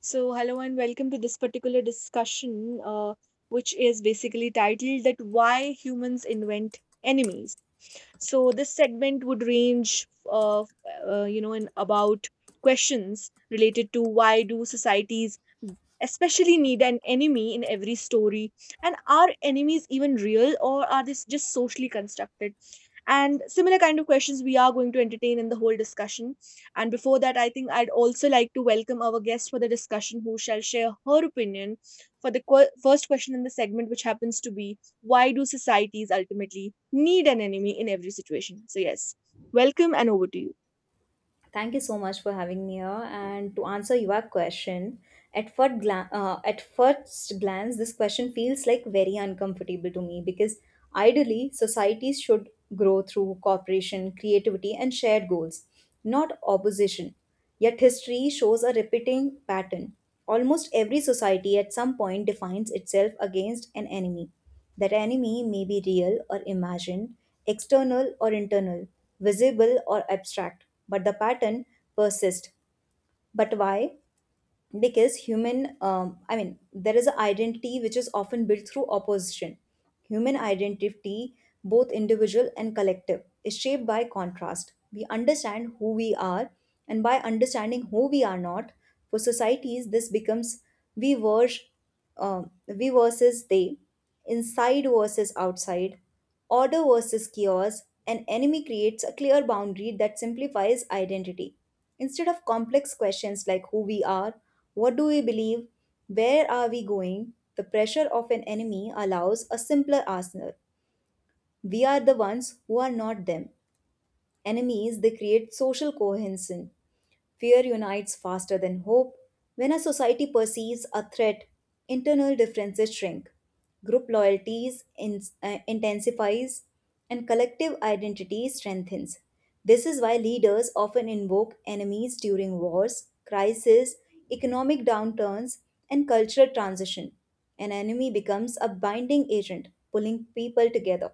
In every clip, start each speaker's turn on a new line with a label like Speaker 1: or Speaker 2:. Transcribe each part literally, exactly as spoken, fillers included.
Speaker 1: So, hello and welcome to this particular discussion, uh, which is basically titled that why humans invent enemies. So, this segment would range of uh, you know in about questions related to why do societies especially need an enemy in every story, and are enemies even real or are they just socially constructed? And similar kind of questions we are going to entertain in the whole discussion, and before that, I think I'd also like to welcome our guest for the discussion who shall share her opinion for the qu- first question in the segment, which happens to be why do societies ultimately need an enemy in every situation? So, yes, welcome and over to you.
Speaker 2: Thank you so much for having me here. And to answer your question, at first, gla- uh, at first glance, this question feels like very uncomfortable to me because ideally, societies should grow through cooperation, creativity, and shared goals, not opposition. Yet history shows a repeating pattern. Almost every society at some point defines itself against an enemy. That enemy may be real or imagined, external or internal, visible or abstract, but the pattern persists. But why? Because human, um, I mean, there is an identity which is often built through opposition. Human identity, both individual and collective, is shaped by contrast. We understand who we are, and by understanding who we are not, for societies, this becomes we were um, we versus they, inside versus outside, order versus chaos, an enemy creates a clear boundary that simplifies identity. Instead of complex questions like who we are, what do we believe, where are we going, the pressure of an enemy allows a simpler arsenal. We are the ones who are not them. Enemies, they create social cohesion. Fear unites faster than hope. When a society perceives a threat, internal differences shrink. Group loyalties in, uh, intensifies and collective identity strengthens. This is why leaders often invoke enemies during wars, crises, economic downturns, and cultural transition. An enemy becomes a binding agent, pulling people together.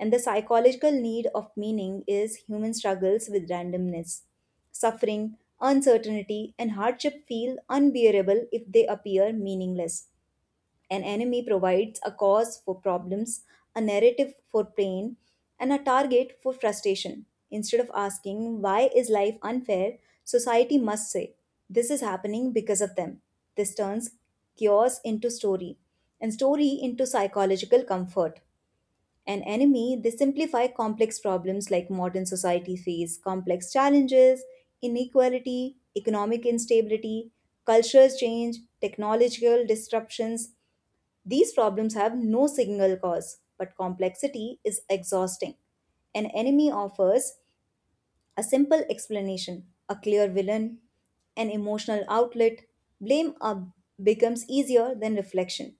Speaker 2: And the psychological need of meaning is human struggles with randomness. Suffering, uncertainty, and hardship feel unbearable if they appear meaningless. An enemy provides a cause for problems, a narrative for pain, and a target for frustration. Instead of asking, why is life unfair, society must say, this is happening because of them. This turns chaos into story, and story into psychological comfort. An enemy, they simplify complex problems like modern society face complex challenges, inequality, economic instability, cultural change, technological disruptions, these problems have no single cause, but complexity is exhausting. An enemy offers a simple explanation, a clear villain, an emotional outlet. Blame uh, becomes easier than reflection,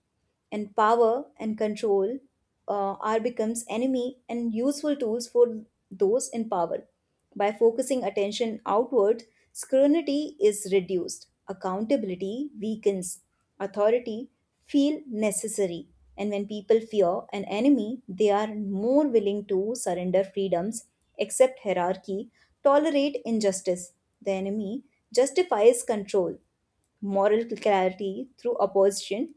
Speaker 2: and power and control uh, are becomes enemy and useful tools for those in power. By focusing attention outward, scrutiny is reduced, accountability weakens, authority feel necessary. And when people fear an enemy, they are more willing to surrender freedoms, accept hierarchy, tolerate injustice. The enemy justifies control, moral clarity through opposition,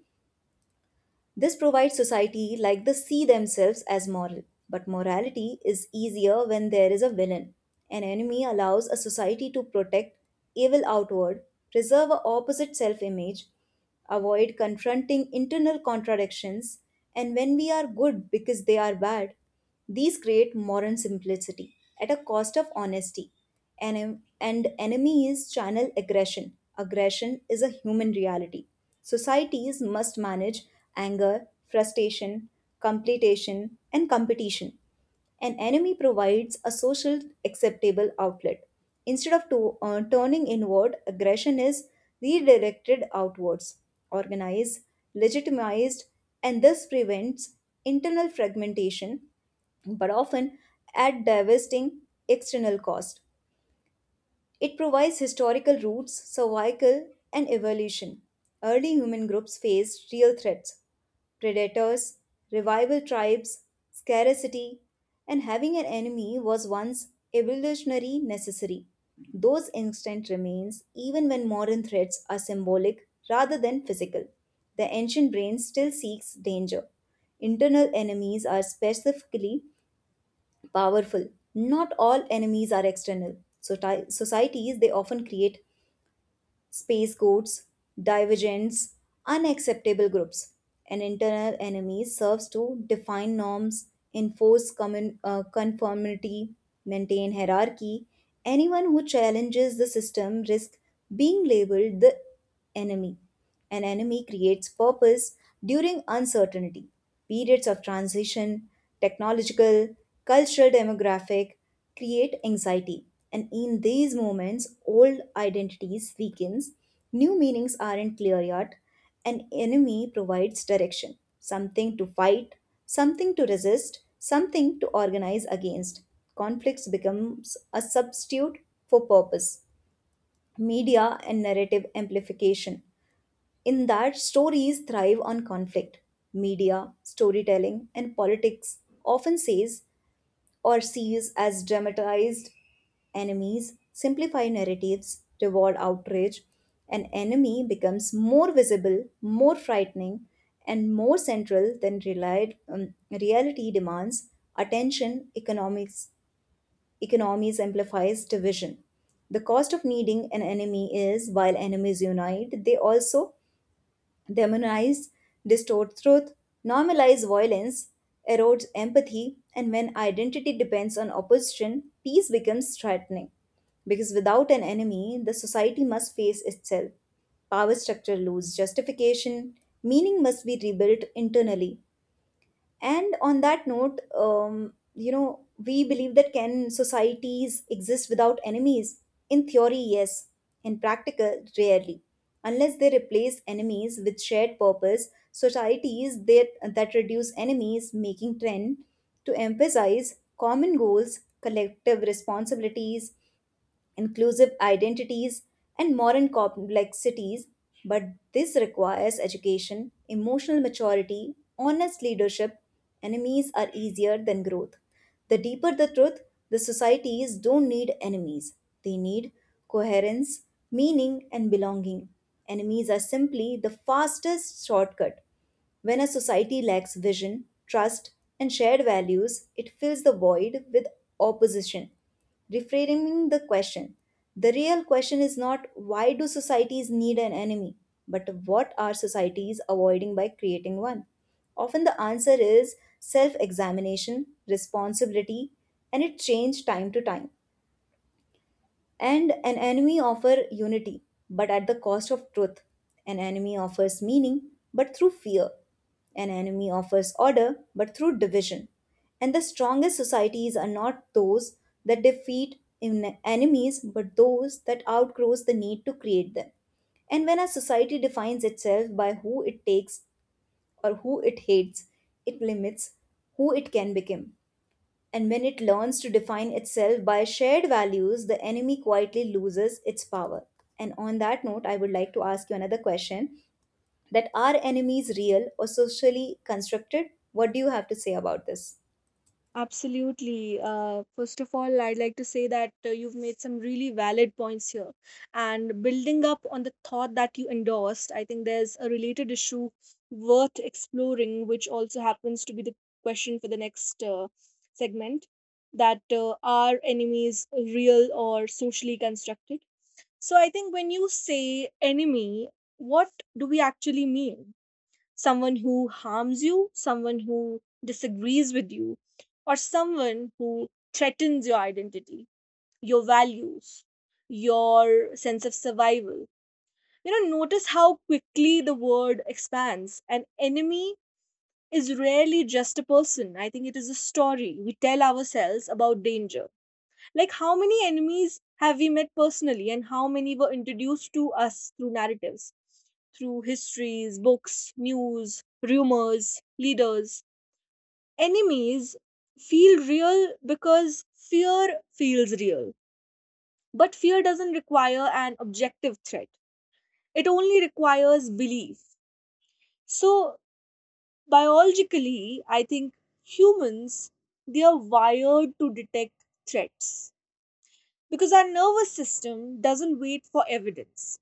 Speaker 2: this provides society like the see themselves as moral. But morality is easier when there is a villain. An enemy allows a society to protect evil outward, preserve a opposite self image, avoid confronting internal contradictions, and when we are good because they are bad, these create moral simplicity at a cost of honesty. Enem- and enemy is channel aggression. Aggression is a human reality. Societies must manage anger, frustration, completion, and competition. An enemy provides a social acceptable outlet. Instead of to, uh, turning inward, aggression is redirected outwards, organized, legitimized, and thus prevents internal fragmentation but often at devastating external cost. It provides historical roots, survival, and evolution. Early human groups faced real threats predators, revival tribes, scarcity, and having an enemy was once evolutionary necessary. Those instinct remains even when modern threats are symbolic rather than physical. The ancient brain still seeks danger. Internal enemies are specifically powerful. Not all enemies are external. So ti- societies they often create space codes, divergence, unacceptable groups. An internal enemy serves to define norms, enforce common, uh, conformity, maintain hierarchy. Anyone who challenges the system risks being labeled the enemy. An enemy creates purpose during uncertainty, periods of transition, technological, cultural demographic create anxiety. And in these moments, old identities weakens, new meanings aren't clear yet. An enemy provides direction, something to fight, something to resist, something to organize against. Conflicts becomes a substitute for purpose. Media and narrative amplification in that stories thrive on conflict. Media, storytelling, and politics often says or sees as dramatized enemies, simplify narratives, reward outrage. An enemy becomes more visible, more frightening, and more central than relied, um, reality demands. Attention economics economies amplifies division. The cost of needing an enemy is while enemies unite, they also demonize, distort truth, normalize violence, erodes empathy, and when identity depends on opposition, peace becomes threatening. Because without an enemy, the society must face itself. Power structure lose justification, meaning must be rebuilt internally, and on that note, um, you know, we believe that can societies exist without enemies? In theory, yes. In practical, rarely. Unless they replace enemies with shared purpose, societies that, that reduce enemies making trend to emphasize common goals, collective responsibilities, inclusive identities, and modern complexities, but this requires education, emotional maturity, honest leadership. Enemies are easier than growth. The deeper the truth, the societies don't need enemies. They need coherence, meaning, and belonging. Enemies are simply the fastest shortcut. When a society lacks vision, trust, and shared values, it fills the void with opposition. Reframing the question, the real question is not why do societies need an enemy, but what are societies avoiding by creating one? Often the answer is self examination, responsibility, and it changes time to time. And an enemy offer unity, but at the cost of truth. An enemy offers meaning, but through fear. An enemy offers order, but through division. And the strongest societies are not those that defeat in enemies, but those that outgrows the need to create them. And when a society defines itself by who it takes or who it hates, it limits who it can become. And when it learns to define itself by shared values, the enemy quietly loses its power. And on that note, I would like to ask you another question that are enemies real or socially constructed? What do you have to say about this?
Speaker 1: Absolutely. Uh, first of all, I'd like to say that uh, you've made some really valid points here. And building up on the thought that you endorsed, I think there's a related issue worth exploring, which also happens to be the question for the next uh, segment, that uh, are enemies real or socially constructed? So I think when you say enemy, what do we actually mean? Someone who harms you, someone who disagrees with you, or someone who threatens your identity, your values, your sense of survival. You know, notice how quickly the word expands. An enemy is rarely just a person. I think it is a story we tell ourselves about danger. Like, how many enemies have we met personally, and how many were introduced to us through narratives? Through histories, books, news, rumors, leaders. Enemies feel real because fear feels real. But fear doesn't require an objective threat, it only requires belief. So, biologically, I think humans, they are wired to detect threats because our nervous system doesn't wait for evidence,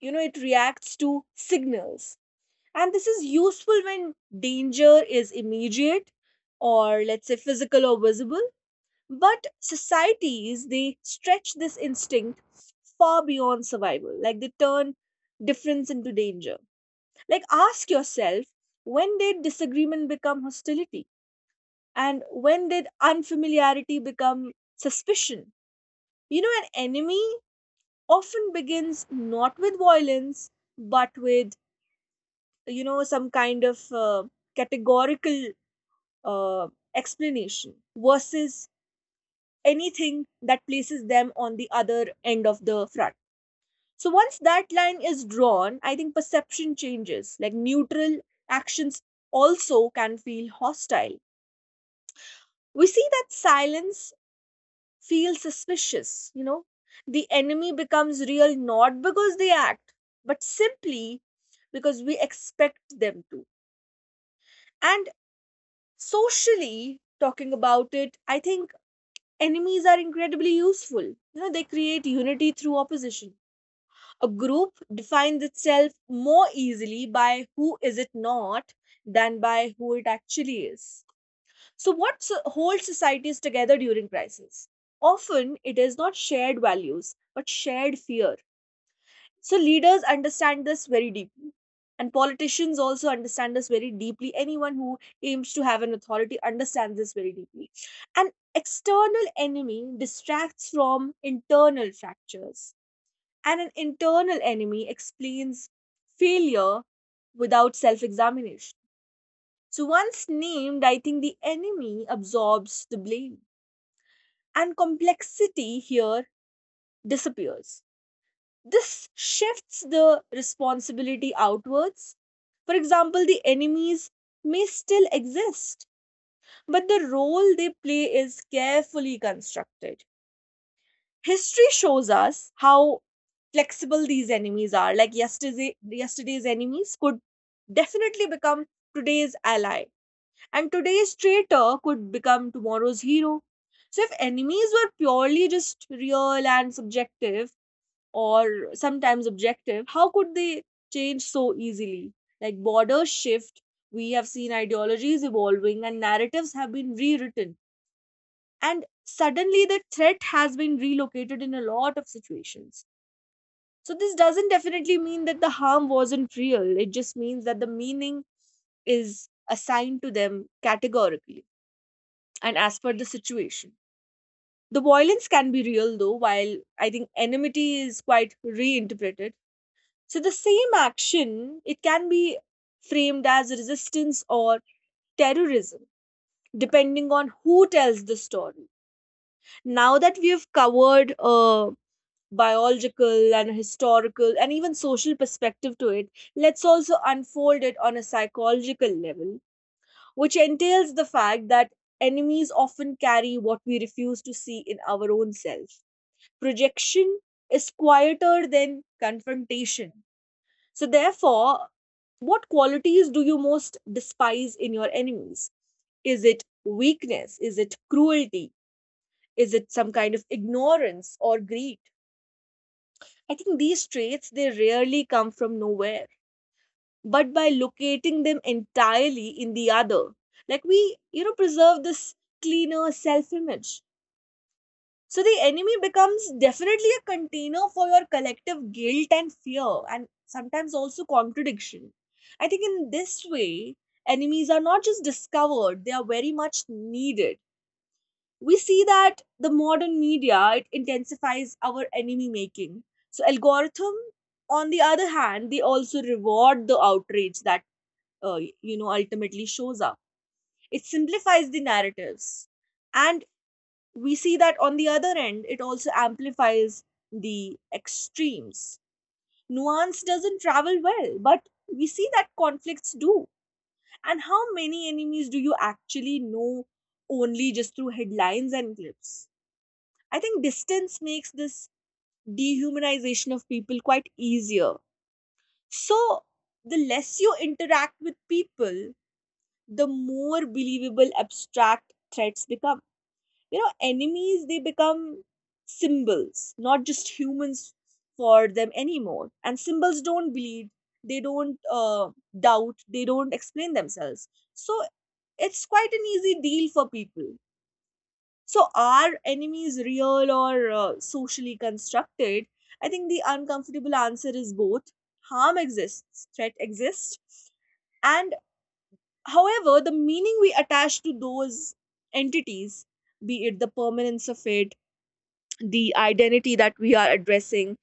Speaker 1: you know, it reacts to signals. And this is useful when danger is immediate or, let's say, physical or visible. But societies, they stretch this instinct far beyond survival. Like they turn difference into danger. Like ask yourself, when did disagreement become hostility? And when did unfamiliarity become suspicion? You know, an enemy often begins not with violence, but with, you know, some kind of uh, categorical uh, explanation versus anything that places them on the other end of the front. So once that line is drawn, I think perception changes. Like neutral actions also can feel hostile. We see that silence feels suspicious, you know. The enemy becomes real not because they act, but simply because we expect them to. And socially, talking about it, I think enemies are incredibly useful. You know, they create unity through opposition. A group defines itself more easily by who is it not than by who it actually is. So, what so- holds societies together during crisis? Often, it is not shared values, but shared fear. So leaders understand this very deeply. And politicians also understand this very deeply. Anyone who aims to have an authority understands this very deeply. An external enemy distracts from internal fractures, and an internal enemy explains failure without self examination. So, once named, I think the enemy absorbs the blame, and complexity here disappears. This shifts the responsibility outwards. For example, the enemies may still exist, but the role they play is carefully constructed. History shows us how flexible these enemies are. Like yesterday, yesterday's enemies could definitely become today's ally, and today's traitor could become tomorrow's hero. So, if enemies were purely just real and subjective, or sometimes objective, how could they change so easily? Like borders shift, we have seen ideologies evolving and narratives have been rewritten. And suddenly the threat has been relocated in a lot of situations. So this doesn't definitely mean that the harm wasn't real. It just means that the meaning is assigned to them categorically and as per the situation. The violence can be real though, while I think enmity is quite reinterpreted. So the same action, it can be framed as resistance or terrorism, depending on who tells the story. Now that we have covered a biological and historical and even social perspective to it, let's also unfold it on a psychological level, which entails the fact that enemies often carry what we refuse to see in our own self. Projection is quieter than confrontation. So, therefore, what qualities do you most despise in your enemies? Is it weakness? Is it cruelty? Is it some kind of ignorance or greed? I think these traits, they rarely come from nowhere, but by locating them entirely in the other, like we, you know, preserve this cleaner self image. So the enemy becomes definitely a container for your collective guilt and fear, and sometimes also contradiction. I think in this way, enemies are not just discovered, they are very much needed. We see that the modern media, it intensifies our enemy making. So algorithm, on the other hand, they also reward the outrage that uh, you know ultimately shows up. It simplifies the narratives, and we see that on the other end, it also amplifies the extremes. Nuance doesn't travel well, but we see that conflicts do. And how many enemies do you actually know only just through headlines and clips? I think distance makes this dehumanization of people quite easier. So, the less you interact with people, the more believable abstract threats become. You know, enemies, they become symbols, not just humans for them anymore, and symbols don't bleed, they don't uh, doubt, they don't explain themselves. So it's quite an easy deal for people. So are enemies real or uh, socially constructed? I think the uncomfortable answer is both. Harm exists, threat exists, and however, the meaning we attach to those entities, be it the permanence of it, the identity that we are addressing,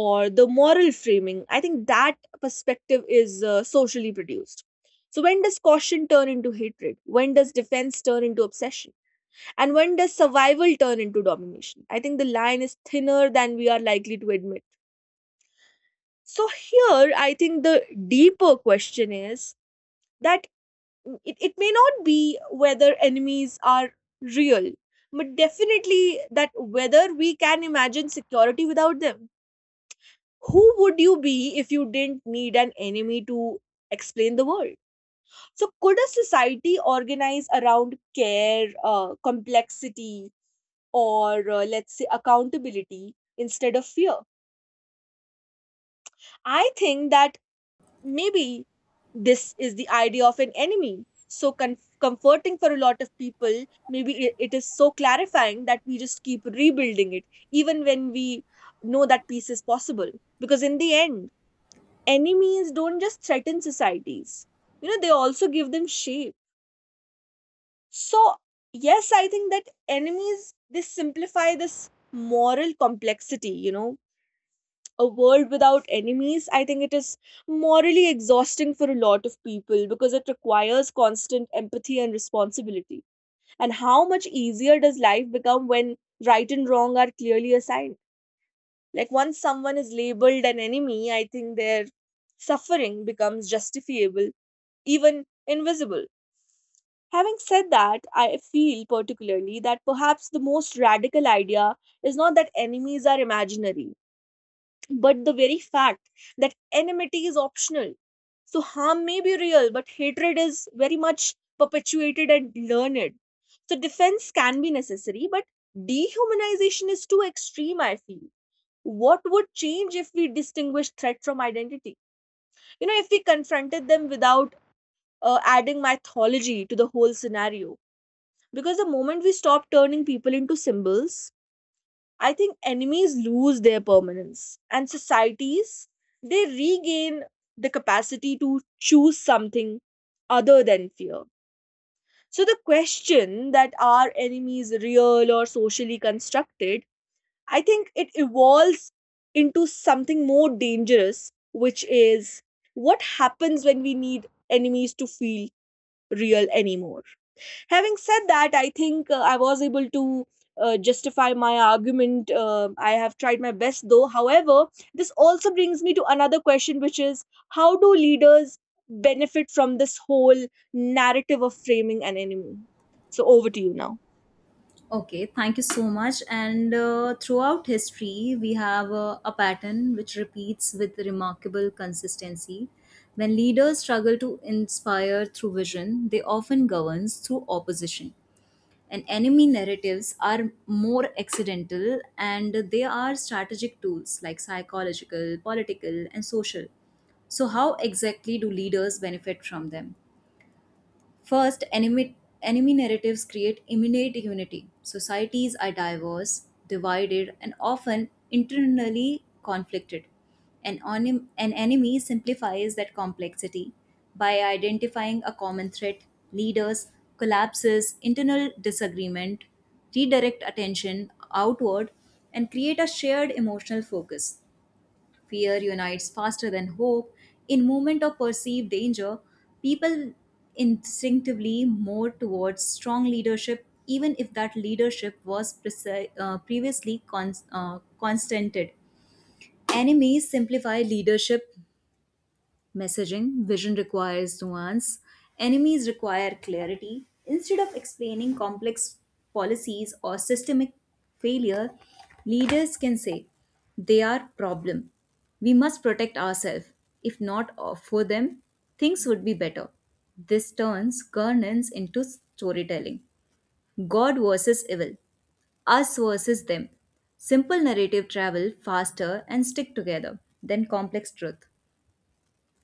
Speaker 1: or the moral framing, I think that perspective is uh, socially produced. So when does caution turn into hatred, when does defense turn into obsession, and when does survival turn into domination? I think the line is thinner than we are likely to admit. So here I think the deeper question is that it, it may not be whether enemies are real, but definitely that whether we can imagine security without them. Who would you be if you didn't need an enemy to explain the world? So, could a society organize around care, uh, complexity, or uh, let's say accountability instead of fear? I think that maybe this is the idea of an enemy. So con- comforting for a lot of people. Maybe i- it is so clarifying that we just keep rebuilding it, even when we know that peace is possible. Because in the end, enemies don't just threaten societies, you know, they also give them shape. So yes, I think that enemies, they simplify this moral complexity, you know. A world without enemies, I think it is morally exhausting for a lot of people because it requires constant empathy and responsibility. And how much easier does life become when right and wrong are clearly assigned? Like once someone is labeled an enemy, I think their suffering becomes justifiable, even invisible. Having said that, I feel particularly that perhaps the most radical idea is not that enemies are imaginary, but the very fact that enmity is optional. So, harm may be real, but hatred is very much perpetuated and learned. So, defense can be necessary, but dehumanization is too extreme, I feel. What would change if we distinguished threat from identity? You know, if we confronted them without uh, adding mythology to the whole scenario. Because the moment we stop turning people into symbols, I think enemies lose their permanence and societies, they regain the capacity to choose something other than fear. So the question that are enemies real or socially constructed, I think it evolves into something more dangerous, which is what happens when we need enemies to feel real anymore. Having said that, I think uh, I was able to uh, justify my argument. Uh, I have tried my best though. However, this also brings me to another question, which is how do leaders benefit from this whole narrative of framing an enemy? So, over to you now.
Speaker 2: Okay, thank you so much. And uh, throughout history, we have uh, a pattern which repeats with remarkable consistency. When leaders struggle to inspire through vision, they often govern through opposition. And enemy narratives are more accidental and they are strategic tools like psychological, political, and social. So, how exactly do leaders benefit from them? First, enemy, enemy narratives create immediate unity. Societies are diverse, divided, and often internally conflicted. An, onim- an enemy simplifies that complexity by identifying a common threat, leaders, collapses, internal disagreement, redirect attention outward, and create a shared emotional focus. Fear unites faster than hope. In moment of perceived danger, people instinctively more towards strong leadership, even if that leadership was prese- uh, previously con- uh, constanted. Enemies simplify leadership messaging. Vision requires nuance. Enemies require clarity. Instead of explaining complex policies or systemic failure, leaders can say they are problem. We must protect ourselves. If not uh, for them, things would be better. This turns governance into storytelling. God versus evil, us versus them. Simple narrative travel faster and stick together than complex truth.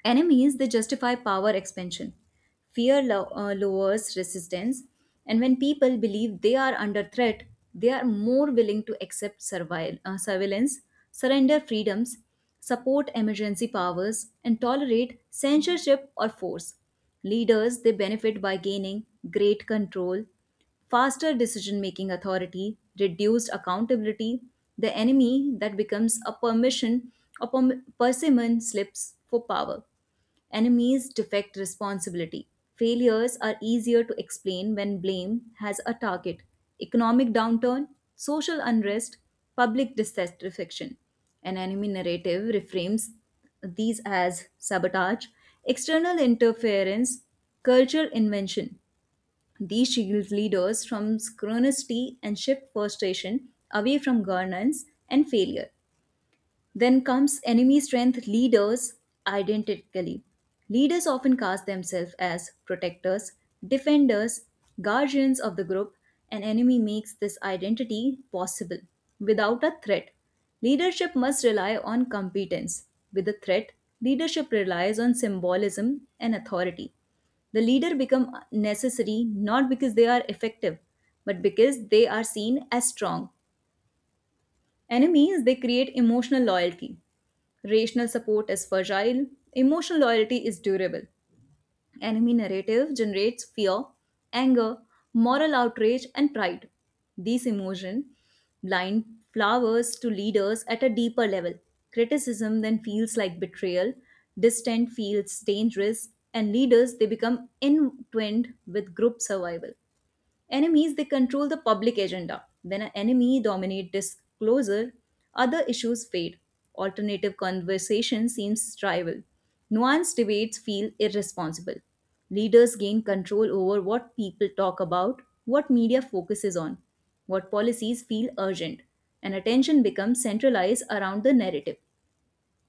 Speaker 2: Enemies, they justify power expansion. Fear lo- uh, lowers resistance, and when people believe they are under threat, they are more willing to accept survi- uh, surveillance, surrender freedoms, support emergency powers, and tolerate censorship or force. Leaders, they benefit by gaining great control, faster decision making authority, reduced accountability, the enemy that becomes a permission or perm- persimmon slips for power. Enemies defect responsibility. Failures are easier to explain when blame has a target. Economic downturn, social unrest, public dissatisfaction. An enemy narrative reframes these as sabotage, external interference, cultural invention. These shield leaders from scrutiny and shift frustration away from governance and failure. Then comes enemy strength leaders identically. Leaders often cast themselves as protectors, defenders, guardians of the group, and enemy makes this identity possible without a threat. Leadership must rely on competence. With a threat, leadership relies on symbolism and authority. The leader become necessary not because they are effective, but because they are seen as strong. Enemies, they create emotional loyalty. Rational support is fragile, emotional loyalty is durable. Enemy narrative generates fear, anger, moral outrage, and pride. These emotions blind flowers to leaders at a deeper level. Criticism then feels like betrayal, distant feels dangerous, and leaders they become entwined with group survival. Enemies, they control the public agenda. When an enemy dominates disclosure, other issues fade. Alternative conversation seems trivial. Nuanced debates feel irresponsible. Leaders gain control over what people talk about, what media focuses on, what policies feel urgent, and attention becomes centralized around the narrative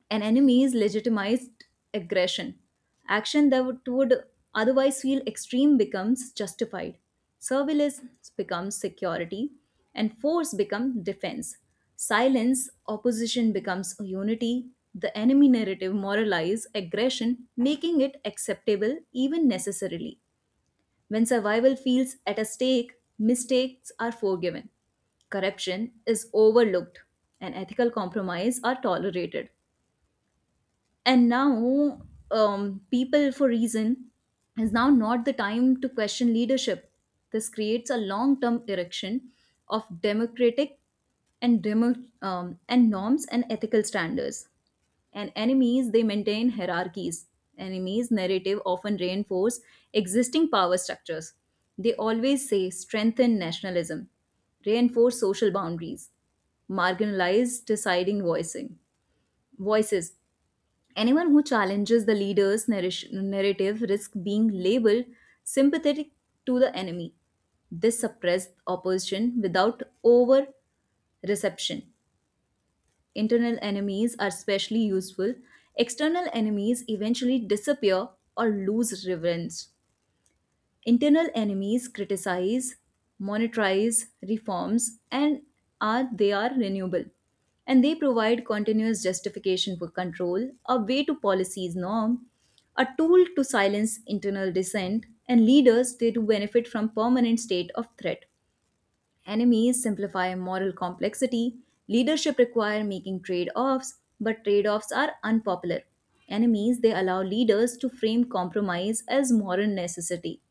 Speaker 2: an enemy's legitimized aggression. Action that would would otherwise feel extreme becomes justified. Surveillance becomes security, and force becomes defense. Silence, opposition becomes unity. The enemy narrative moralizes aggression, making it acceptable even necessarily. When survival feels at a stake, mistakes are forgiven, corruption is overlooked, and ethical compromise are tolerated. And now um, people for reason is now not the time to question leadership. This creates a long-term erection of democratic and demo, um, and norms and ethical standards. And enemies they maintain hierarchies. Enemies narrative often reinforce existing power structures, they always say strengthen nationalism, reinforce social boundaries, marginalize deciding voicing voices. Anyone who challenges the leader's narrish- narrative risks being labeled sympathetic to the enemy. This suppresses opposition without over reception. Internal enemies are especially useful. External enemies eventually disappear or lose relevance. Internal enemies criticize, monetize reforms, and are they are renewable. And they provide continuous justification for control, a way to policies norm, a tool to silence internal dissent, and leaders they do benefit from permanent state of threat. Enemies simplify moral complexity. Leadership require making trade-offs, but trade-offs are unpopular. Enemies they allow leaders to frame compromise as moral necessity,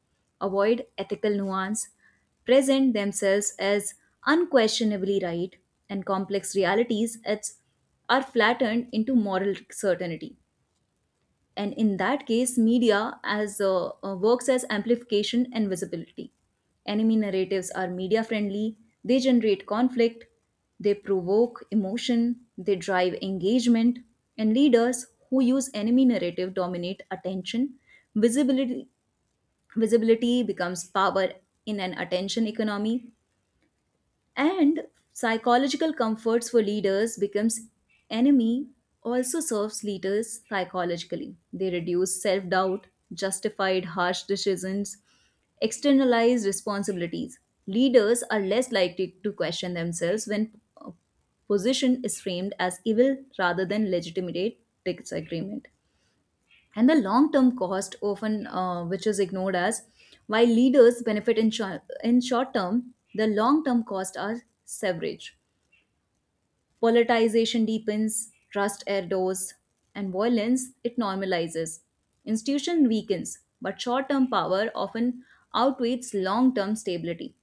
Speaker 2: avoid ethical nuance, present themselves as unquestionably right, and complex realities as are flattened into moral certainty. And in that case, media as uh, uh, works as amplification and visibility. Enemy narratives are media friendly, they generate conflict, they provoke emotion, they drive engagement, and leaders who use enemy narrative dominate attention. visibility Visibility becomes power in an attention economy. And psychological comforts for leaders becomes enemy. Also serves leaders psychologically, they reduce self-doubt, justified harsh decisions, externalized responsibilities. Leaders are less likely to question themselves when uh, position is framed as evil rather than legitimate disagreement. And the long term cost often uh, which is ignored as while leaders benefit in, shor- in short term, the long term costs are severage. Politicization deepens, trust erodes, and violence it normalizes, institution weakens, but short term power often outweighs long term stability.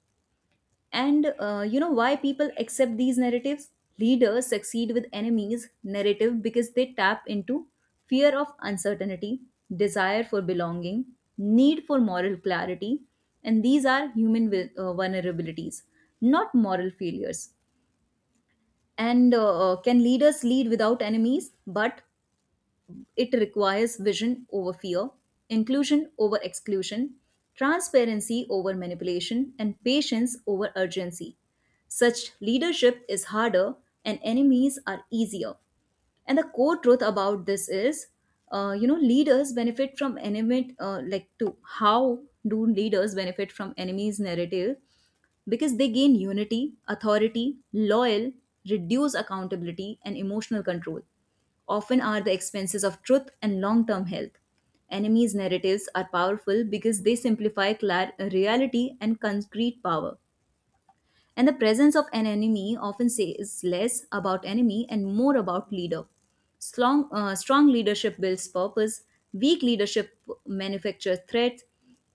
Speaker 2: And uh, you know why people accept these narratives? Leaders succeed with enemies' narrative because they tap into fear of uncertainty, desire for belonging, need for moral clarity, and these are human vi- uh, vulnerabilities, not moral failures. And uh, uh, can leaders lead without enemies? But it requires vision over fear, inclusion over exclusion, transparency over manipulation, and patience over urgency. Such leadership is harder and enemies are easier. And the core truth about this is, uh, you know, leaders benefit from enemy, uh, like to how do leaders benefit from enemies' narrative? Because they gain unity, authority, loyal, reduce accountability, and emotional control. Often are the expenses of truth and long term health. Enemies' narratives are powerful because they simplify clar- reality and concrete power, and the presence of an enemy often says less about enemy and more about leader. Strong, uh, strong leadership builds purpose, weak leadership manufactures threats.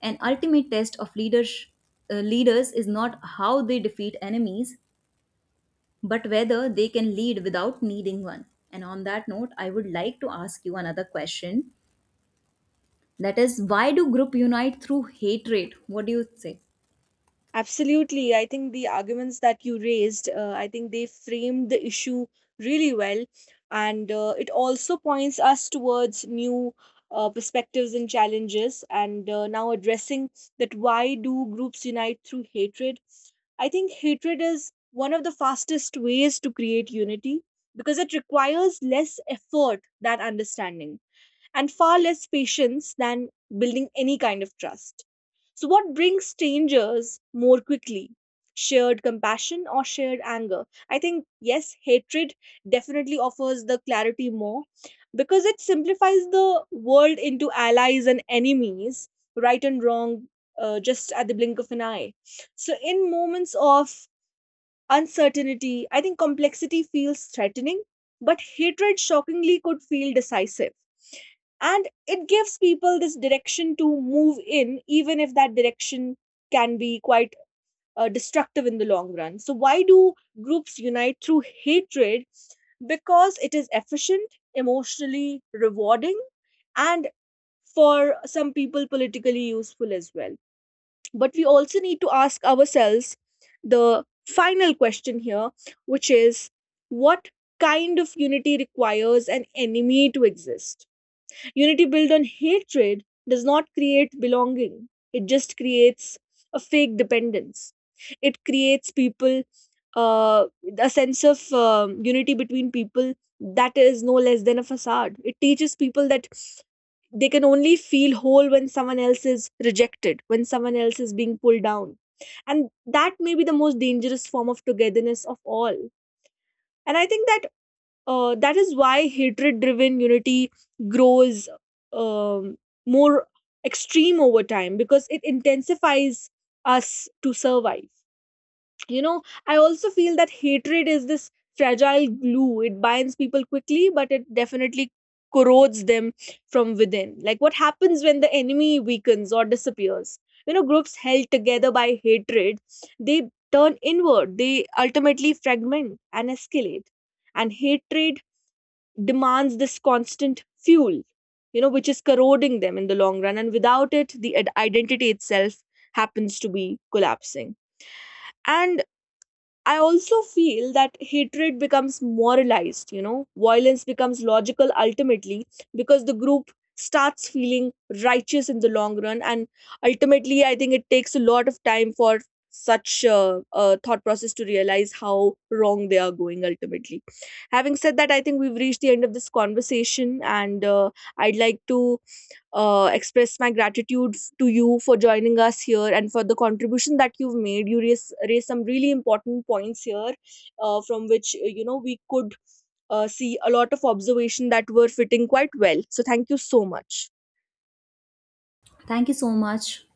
Speaker 2: An ultimate test of leaders, uh, leaders is not how they defeat enemies, but whether they can lead without needing one. And on that note, I would like to ask you another question. That is, why do group unite through hatred? What do you say?
Speaker 1: Absolutely. I think the arguments that you raised, uh, I think they framed the issue really well. And uh, it also points us towards new uh, perspectives and challenges. And uh, now addressing that why do groups unite through hatred? I think hatred is one of the fastest ways to create unity because it requires less effort than understanding and far less patience than building any kind of trust. So, what brings strangers more quickly? Shared compassion or shared anger? I think, yes, hatred definitely offers the clarity more because it simplifies the world into allies and enemies, right and wrong, uh, just at the blink of an eye. So, in moments of uncertainty, I think complexity feels threatening, but hatred shockingly could feel decisive, and it gives people this direction to move in, even if that direction can be quite uh, destructive in the long run. So why do groups unite through hatred? Because it is efficient, emotionally rewarding, and for some people politically useful as well. But we also need to ask ourselves the final question here, which is, what kind of unity requires an enemy to exist? Unity built on hatred does not create belonging, it just creates a fake dependence. It creates people, uh, a sense of um, unity between people that is no less than a facade. It teaches people that they can only feel whole when someone else is rejected, when someone else is being pulled down. And that may be the most dangerous form of togetherness of all. And I think that uh, that is why hatred driven unity grows um, more extreme over time because it intensifies us to survive, you know. I also feel that hatred is this fragile glue, it binds people quickly but it definitely corrodes them from within. Like what happens when the enemy weakens or disappears? You know, groups held together by hatred, they turn inward, they ultimately fragment and escalate. And hatred demands this constant fuel, you know, which is corroding them in the long run. And without it, the ad- identity itself happens to be collapsing. And I also feel that hatred becomes moralized, you know, violence becomes logical ultimately because the group starts feeling righteous in the long run. And ultimately, I think it takes a lot of time for such a, a thought process to realize how wrong they are going ultimately. Having said that, I think we've reached the end of this conversation, and uh, I'd like to uh, express my gratitude f- to you for joining us here and for the contribution that you've made. You raise raise some really important points here, uh, from which uh, you know we could uh, see a lot of observation that were fitting quite well. So thank you so much.
Speaker 2: Thank you so much.